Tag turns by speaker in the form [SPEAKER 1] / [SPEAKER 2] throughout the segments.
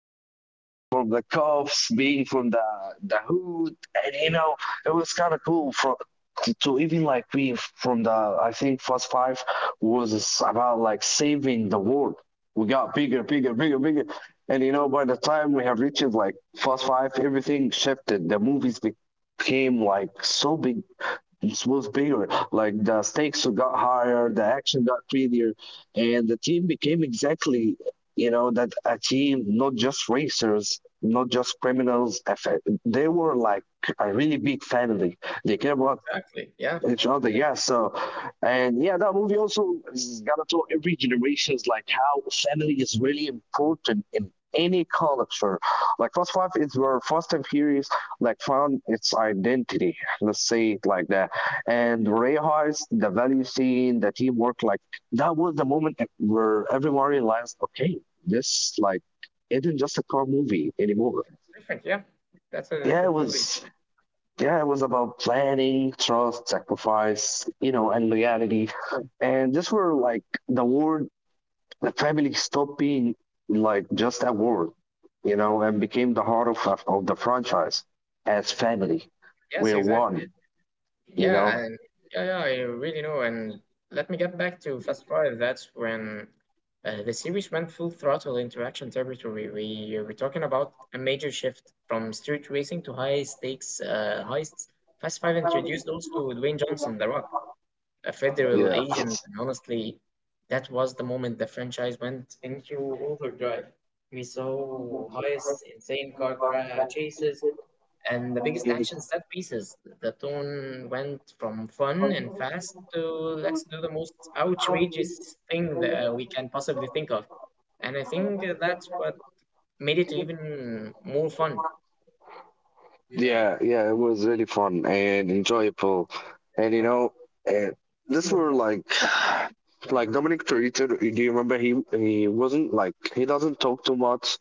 [SPEAKER 1] running from the cuffs, being from the hood, and it was kind of cool for to even like be from the. I think first five was about like saving the world. We got bigger, bigger, bigger, bigger, and by the time we have reached like first five, everything shifted. The movies became like so big it was bigger. Like the stakes got higher, the action got prettier, and the team became exactly, that a team, not just racers, not just criminals. They were like a really big family. They care about
[SPEAKER 2] exactly. Yeah,
[SPEAKER 1] each other. Yeah. So, and yeah, that movie also is gonna tell every generations like how family is really important in any culture. Like Fast Five is where Fast and Furious like found its identity. Let's say it like that. And Ray Heist, the value scene, the teamwork, like that was the moment where everyone realized, okay, this like isn't just a car movie anymore.
[SPEAKER 2] different. Yeah, that's a
[SPEAKER 1] Yeah, it
[SPEAKER 2] different movie.
[SPEAKER 1] was Yeah, it was about planning, trust, sacrifice, and loyalty. And this were like the word the family stopped being like just a word, and became the heart of the franchise as family.
[SPEAKER 2] Yes,
[SPEAKER 1] We're
[SPEAKER 2] exactly.
[SPEAKER 1] one, you
[SPEAKER 2] Yeah,
[SPEAKER 1] know.
[SPEAKER 2] and yeah, I really know. And let me get back to Fast Five. That's when the series went full throttle into action territory. We were talking about a major shift from street racing to high stakes heists. Fast Five introduced also Dwayne Johnson, The Rock, a federal
[SPEAKER 1] Yeah.
[SPEAKER 2] agent. And honestly, that was the moment the franchise went into overdrive. We saw highest insane chases and the biggest action set pieces. The tone went from fun and fast to let's do the most outrageous thing that we can possibly think of. And I think that's what made it even more fun.
[SPEAKER 1] Yeah, yeah, it was really fun and enjoyable. And you know, and this were like like Dominic Torito, do you remember he wasn't like he doesn't talk too much.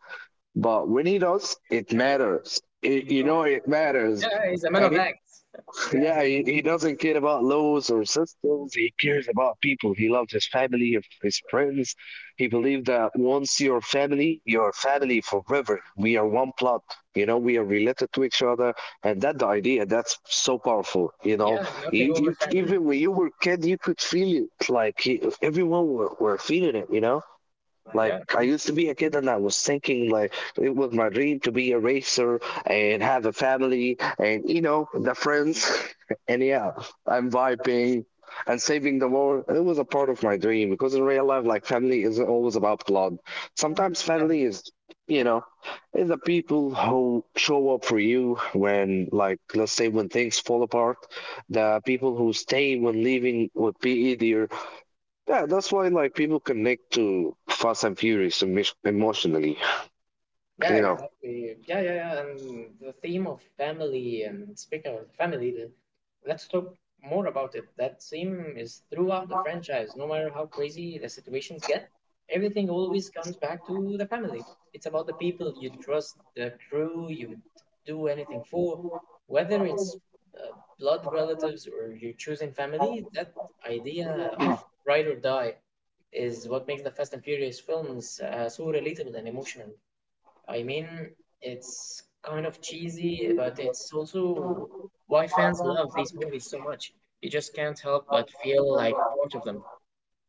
[SPEAKER 1] But when he does, it matters. It matters.
[SPEAKER 2] Yeah, he's a man
[SPEAKER 1] And
[SPEAKER 2] of
[SPEAKER 1] he,
[SPEAKER 2] acts.
[SPEAKER 1] yeah, he doesn't care about laws or systems. He cares about people. He loves his family, his friends. He believes that once your family forever. We are one blood. We are related to each other. And that the idea, that's so powerful. You know,
[SPEAKER 2] Yeah, nothing
[SPEAKER 1] you,
[SPEAKER 2] over
[SPEAKER 1] you,
[SPEAKER 2] family.
[SPEAKER 1] even when you were kid, you could feel it. Like he, everyone were feeling it, you know? Like
[SPEAKER 2] Yeah.
[SPEAKER 1] I used to be a kid and I was thinking like it was my dream to be a racer and have a family and you know the friends and yeah I'm vibing and saving the world. It was a part of my dream because in real life like family isn't always about blood. Sometimes
[SPEAKER 2] Yeah.
[SPEAKER 1] family is you know is the people who show up for you when like let's say when things fall apart, the people who stay when leaving would be easier. Yeah, that's why like people connect to Fast and Furious emotionally,
[SPEAKER 2] Yeah,
[SPEAKER 1] you know.
[SPEAKER 2] exactly. Yeah, yeah, Yeah. And the theme of family, and speaking of family, let's talk more about it. That theme is throughout the franchise. No matter how crazy the situations get, everything always comes back to the family. It's about the people you trust, the crew you would do anything for, whether it's uh, blood relatives or your chosen family. That idea of ride or die is what makes the Fast and Furious films so relatable and emotional. I mean, it's kind of cheesy, but it's also why fans love these movies so much. You just can't help but feel like part of them.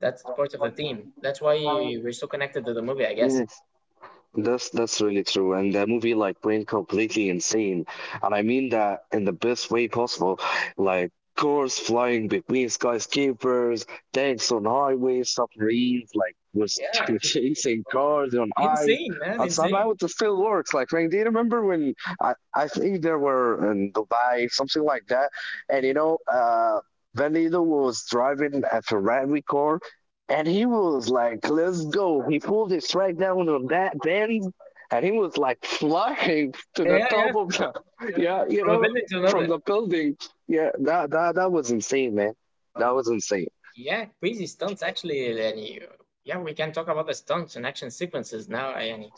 [SPEAKER 2] That's part of the theme. That's why we're so connected to the movie, I guess.
[SPEAKER 1] Yes. That's really true, and that movie like went completely insane, and I mean that in the best way possible, like cars flying between skyscrapers, tanks on highways, submarines like was
[SPEAKER 2] Yeah,
[SPEAKER 1] chasing cars on ice,
[SPEAKER 2] insane, man,
[SPEAKER 1] and
[SPEAKER 2] insane.
[SPEAKER 1] somehow it still works. Like, man, do you remember when I think there were in Dubai something like that, and Vin Diesel was driving a Ferrari car and he was like, let's go. He pulled it straight down on that bend and he was like flying to the
[SPEAKER 2] Yeah, yeah,
[SPEAKER 1] top of the, yeah,
[SPEAKER 2] from a building to
[SPEAKER 1] from
[SPEAKER 2] another.
[SPEAKER 1] the building. Yeah, that was insane, man. That was insane.
[SPEAKER 2] Yeah, crazy stunts actually. And you, yeah, we can talk about the stunts and action sequences now. I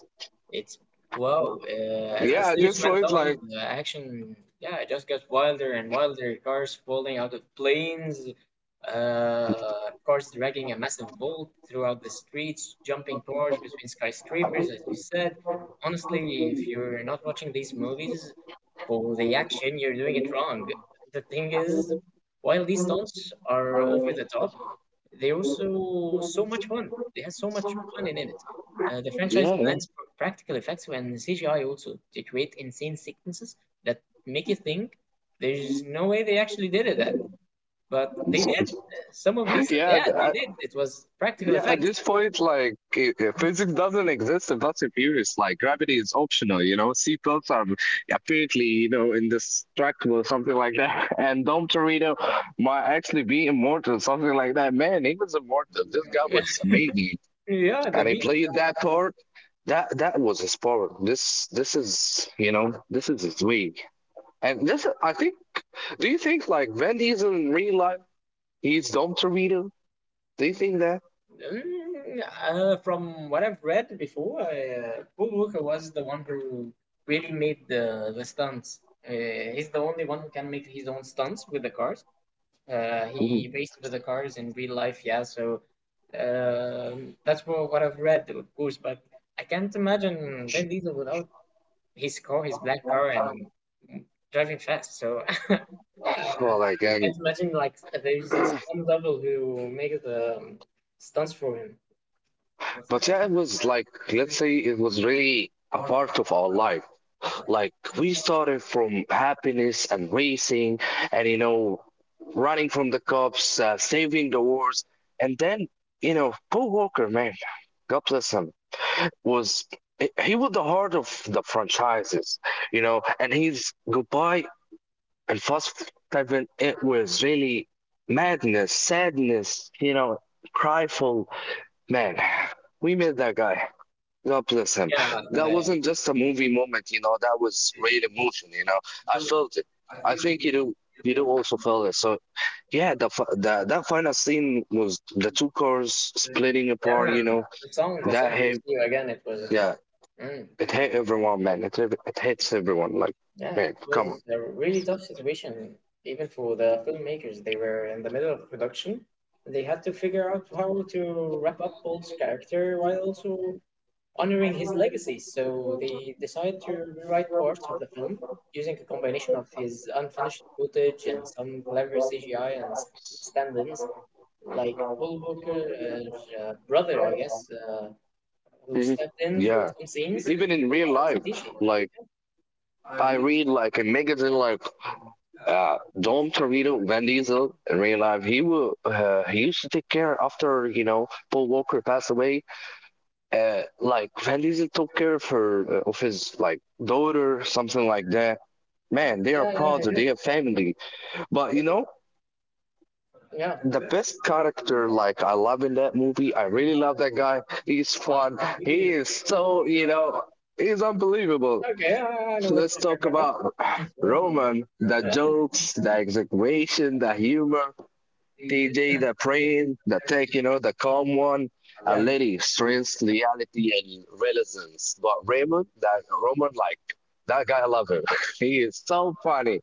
[SPEAKER 2] It's wow. As the
[SPEAKER 1] Yeah, at
[SPEAKER 2] series
[SPEAKER 1] this
[SPEAKER 2] went
[SPEAKER 1] point, like,
[SPEAKER 2] on, the action yeah just got wilder and wilder. Cars falling out of planes, cars dragging a massive vault throughout the streets, jumping cars between skyscrapers, as you said. Honestly, if you're not watching these movies for the action, you're doing it wrong. The thing is, while these stunts are over the top, they also so much fun. They have so much fun in it. The franchise
[SPEAKER 1] yeah,
[SPEAKER 2] blends practical effects and CGI also to create insane sequences that make you think there's no way they actually did it that, but they did. Some of these,
[SPEAKER 1] yeah,
[SPEAKER 2] yeah, they
[SPEAKER 1] yeah.
[SPEAKER 2] did. It was practical
[SPEAKER 1] Yeah, at
[SPEAKER 2] effects.
[SPEAKER 1] this point, like physics doesn't exist in Fast and Furious. Like gravity is optional. Seatbelts are apparently, indestructible, something like that. And Dom Torito might actually be immortal, something like that. Man, he was immortal. This guy was amazing,
[SPEAKER 2] Yeah, the
[SPEAKER 1] and he
[SPEAKER 2] beat.
[SPEAKER 1] played that part. That was his part. This is, this is his way. And this, I think. Do you think like Van Diesel in real life he's Dom Torito? Do you think that?
[SPEAKER 2] From what I've read before, Paul Walker was the one who really made the stunts. Uh, he's the only one who can make his own stunts with the cars. He
[SPEAKER 1] Mhm.
[SPEAKER 2] raced with the cars in real life, yeah. So that's what I've read, of course. But I can't imagine Vin Diesel without his car, his black car, and driving fast. So I I
[SPEAKER 1] Well, like,
[SPEAKER 2] can't imagine like there's a stunt double who makes the stunts for him.
[SPEAKER 1] But yeah, it was like, let's say it was really a part of our life. Like, we started from happiness and racing and, running from the cops, saving the wars. And then, Paul Walker, man, God bless him, was he was the heart of the franchises, and his goodbye and Fast Seven, it was really madness, sadness, cryful. Man, we missed that guy. God bless him.
[SPEAKER 2] Yeah,
[SPEAKER 1] That
[SPEAKER 2] like
[SPEAKER 1] wasn't just a movie moment, that was real emotion. I felt it. I think you do also feel it. So yeah, the, fi- the that final scene was the two cars splitting
[SPEAKER 2] yeah,
[SPEAKER 1] apart, you
[SPEAKER 2] and
[SPEAKER 1] know.
[SPEAKER 2] the
[SPEAKER 1] That
[SPEAKER 2] song was
[SPEAKER 1] hit
[SPEAKER 2] new again. It was,
[SPEAKER 1] yeah,
[SPEAKER 2] mm,
[SPEAKER 1] it hit everyone, man. It hits everyone like
[SPEAKER 2] yeah,
[SPEAKER 1] man,
[SPEAKER 2] it
[SPEAKER 1] come on.
[SPEAKER 2] was a really tough situation, even for the filmmakers. They were in the middle of production. They had to figure out how to wrap up Paul's character while also honoring his legacy. So they decided to rewrite parts of the film using a combination of his unfinished footage and some clever CGI and stand-ins, like Paul Walker's brother, I guess. Who
[SPEAKER 1] Mhm.
[SPEAKER 2] stepped in for
[SPEAKER 1] Yeah.
[SPEAKER 2] some scenes.
[SPEAKER 1] Even
[SPEAKER 2] It
[SPEAKER 1] in real life,
[SPEAKER 2] wasn't easy.
[SPEAKER 1] like I read like a magazine like Dom Torito, Van Diesel in real life, he will he used to take care after Paul Walker passed away. Like Van Diesel took care of his like daughter, something like that. Man, they are
[SPEAKER 2] Yeah, yeah,
[SPEAKER 1] proud.
[SPEAKER 2] I did.
[SPEAKER 1] They have family. But
[SPEAKER 2] Yeah.
[SPEAKER 1] the best character like I love in that movie. I really love that guy. He's fun. He is so. He's unbelievable.
[SPEAKER 2] Okay, I know what
[SPEAKER 1] Let's
[SPEAKER 2] you're
[SPEAKER 1] talk
[SPEAKER 2] talking about.
[SPEAKER 1] about Roman, the jokes, the exaggeration, the humor, TJ, the praying, the tech, the calm one, a
[SPEAKER 2] Yeah. Yeah,
[SPEAKER 1] lady, strength, reality, and relevance. But Raymond, that Roman, like, that guy, I love him. He is so funny.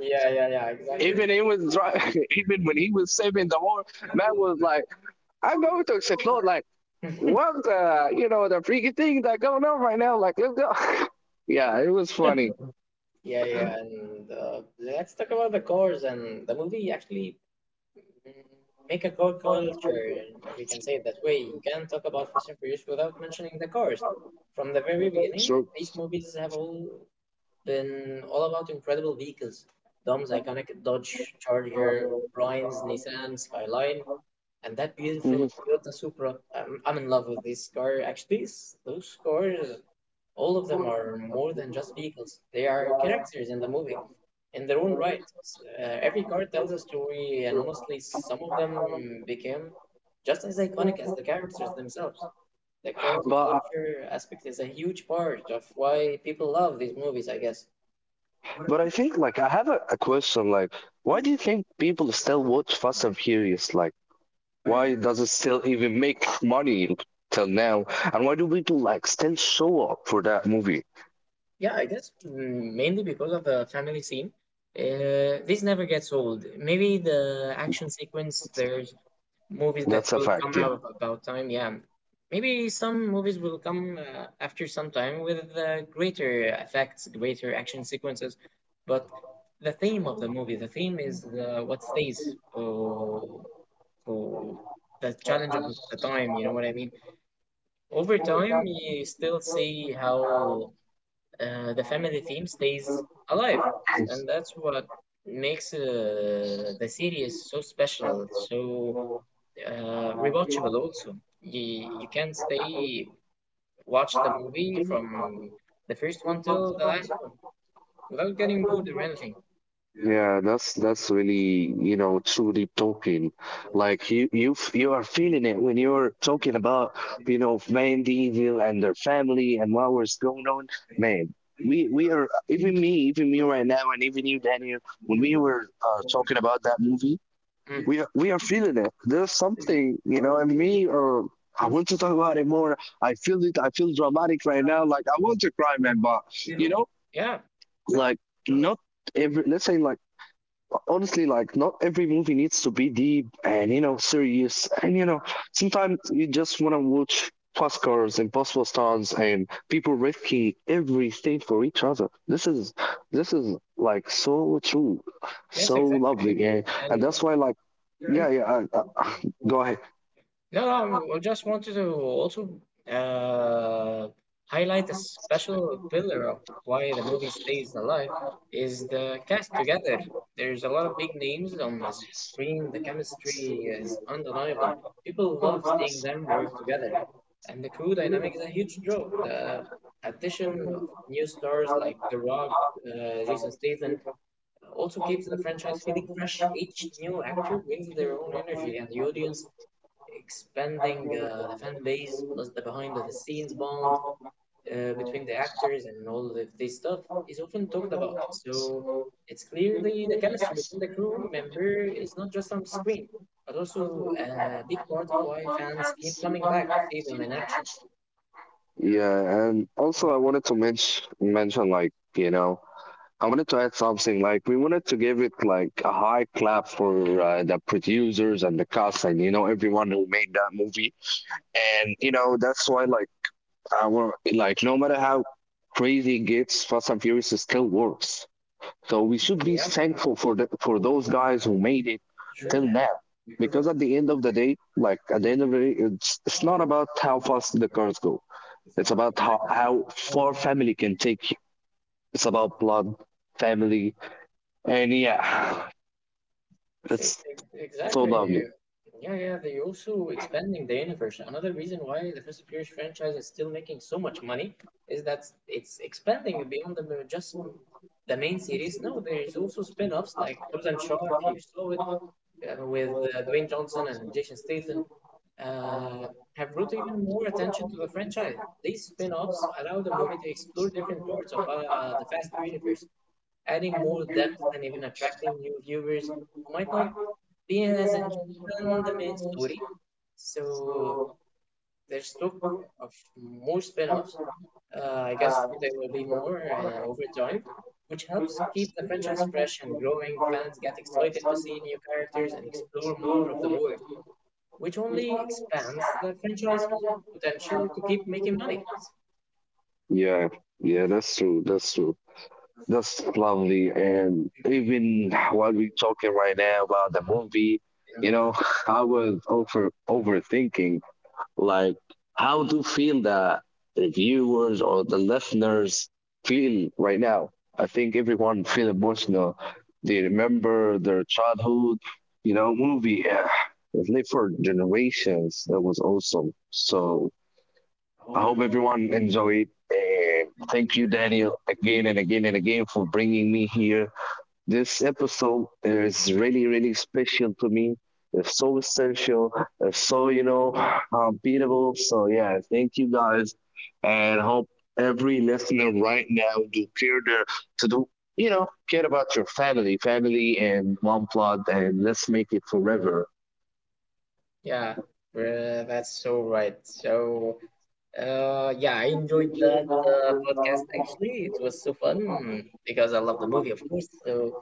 [SPEAKER 2] yeah, yeah, yeah exactly.
[SPEAKER 1] Even he was even when he was saving the war, man was like, I'm going to explode, like, what the, the freaky thing that going on right now, like, let's go. Yeah, it was funny.
[SPEAKER 2] Yeah, yeah, and let's talk about the cores and the movie actually make a core culture, and we can say it that way. You can't talk about Fast and Furious without mentioning the cars. From the very beginning,
[SPEAKER 1] So.
[SPEAKER 2] these movies have all been all about incredible vehicles. Dom's iconic Dodge Charger, Brian's Nissan Skyline, and that
[SPEAKER 1] Mhm.
[SPEAKER 2] beautiful Toyota Supra. I'm in love with this car. Actually, those cars, all of them are more than just vehicles. They are characters in the movie, in their own right. Every card tells a story, and honestly, some of them became just as iconic as the characters themselves. The core
[SPEAKER 1] But I-
[SPEAKER 2] culture aspect is a huge part of why people love these movies, I guess.
[SPEAKER 1] but I think like I have a question like why do you think people still watch Fast and Furious? Like why does it still even make money till now? And why do people like still show up for that movie?
[SPEAKER 2] Yeah, I guess mainly because of the family scene. This never gets old. Maybe the action sequence, there's movies that
[SPEAKER 1] That's a
[SPEAKER 2] will
[SPEAKER 1] fact,
[SPEAKER 2] come
[SPEAKER 1] yeah.
[SPEAKER 2] out about time, yeah, maybe some movies will come after some time with greater effects, greater action sequences, but the theme of the movie, the theme is the what stays for, for the challenge of the time, you know what I mean. Over time you still see how the family theme stays alive, and that's what makes the series so special, so rewatchable also. You can stay watch the movie from the first one till the last one without getting bored or anything.
[SPEAKER 1] Yeah, that's really, truly talking. Like you are feeling it when you're talking about, Van Diesel and their family and what was going on. Man, we are even me right now, and even you, Daniel, when we were talking about that movie,
[SPEAKER 2] Mm.
[SPEAKER 1] we are feeling it. There's something, and me or I want to talk about it more. I feel it. I feel dramatic right now. Like I want to cry, man, but you know,
[SPEAKER 2] Yeah.
[SPEAKER 1] like not every. Let's say like honestly like not every movie needs to be deep and serious and sometimes you just want to watch fast cars impossible stars and people risking everything for each other. This is like so true
[SPEAKER 2] Yes,
[SPEAKER 1] so
[SPEAKER 2] exactly.
[SPEAKER 1] lovely and that's
[SPEAKER 2] And
[SPEAKER 1] why like yeah yeah go ahead.
[SPEAKER 2] no, no, I just wanted to also uh, highlight a special pillar of why the movie stays alive is the cast together. There's a lot of big names on the screen. The chemistry is undeniable. People love seeing them work together. And the crew dynamic is a huge draw. The addition of new stars like The Rock, Jason Statham, also keeps the franchise feeling fresh. Each new actor brings their own energy, and the audience expanding the fan base plus the behind the scenes bond between the actors and all of this stuff is often talked about. So it's clearly the chemistry between the crew member is not just on screen, but also a big part of why fans keep coming back to see them in action.
[SPEAKER 1] Yeah and also I wanted to mention like I wanted to add something. Like we wanted to give it like a high clap for the producers and the cast, and everyone who made that movie. And that's why like our like no matter how crazy it gets, Fast and Furious still works. So we should be
[SPEAKER 2] Yeah,
[SPEAKER 1] thankful for those guys who made it till
[SPEAKER 2] sure.
[SPEAKER 1] now. Because at the end of the day, it's not about how fast the cars go. It's about how far family can take you. It's about blood, family, and yeah,
[SPEAKER 2] E-
[SPEAKER 1] that's
[SPEAKER 2] e-
[SPEAKER 1] so
[SPEAKER 2] Exactly.
[SPEAKER 1] lovely.
[SPEAKER 2] Yeah, yeah, they're also expanding the universe. Another reason why the Fast and Furious franchise is still making so much money is that it's expanding beyond just the main series. No, there's also spin-offs like Hobbs and Shaw, if you saw it, with Dwayne Johnson and Jason Statham, uh, have brought even more attention to the franchise. These spin-offs allow the movie to explore different parts of the Fast universe, adding more depth and even attracting new viewers who might not be as interested in the main story. So there's talk of more spin-offs. I guess there will be more over time, which helps keep the franchise fresh and growing. Fans get excited to see new characters and explore more of the world, which only expands the franchise potential to keep making money.
[SPEAKER 1] Yeah, yeah, that's true. That's true. That's lovely. And even while we're talking right now about the movie, you know, I was overthinking like how do feel the viewers or the listeners feel right now? I think everyone feel emotional. They remember their childhood, movie. Yeah. It lived for generations. That was awesome. So I hope everyone enjoyed. And thank you, Daniel, again and again and again for bringing me here. This episode is really, really special to me. It's so essential. It's so, unbeatable. So, yeah, thank you guys. And hope every listener right now do care their, to do, care about your family, family and mom plot, and let's make it forever.
[SPEAKER 2] Yeah, that's so right. So. Yeah, I enjoyed that podcast actually. It was so fun because I love the movie, of course. So,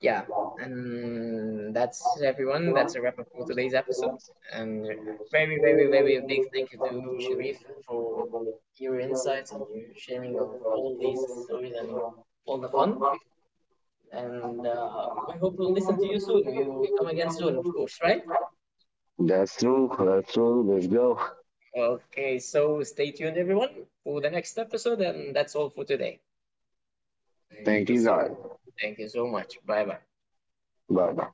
[SPEAKER 2] yeah, and that's everyone. That's a wrap up for today's episode. And very, very, very big thank you to Sharif for your insights and your sharing of all these stories and all the fun. And we hope we'll listen to you soon. We will come again soon, of course, right?
[SPEAKER 1] That's true. That's true. Let's go.
[SPEAKER 2] Okay, so stay tuned, everyone, for the next episode. And that's all for today.
[SPEAKER 1] Thank
[SPEAKER 2] Thank you.
[SPEAKER 1] you,
[SPEAKER 2] So
[SPEAKER 1] guys.
[SPEAKER 2] thank you so much. Bye bye.
[SPEAKER 1] Bye bye.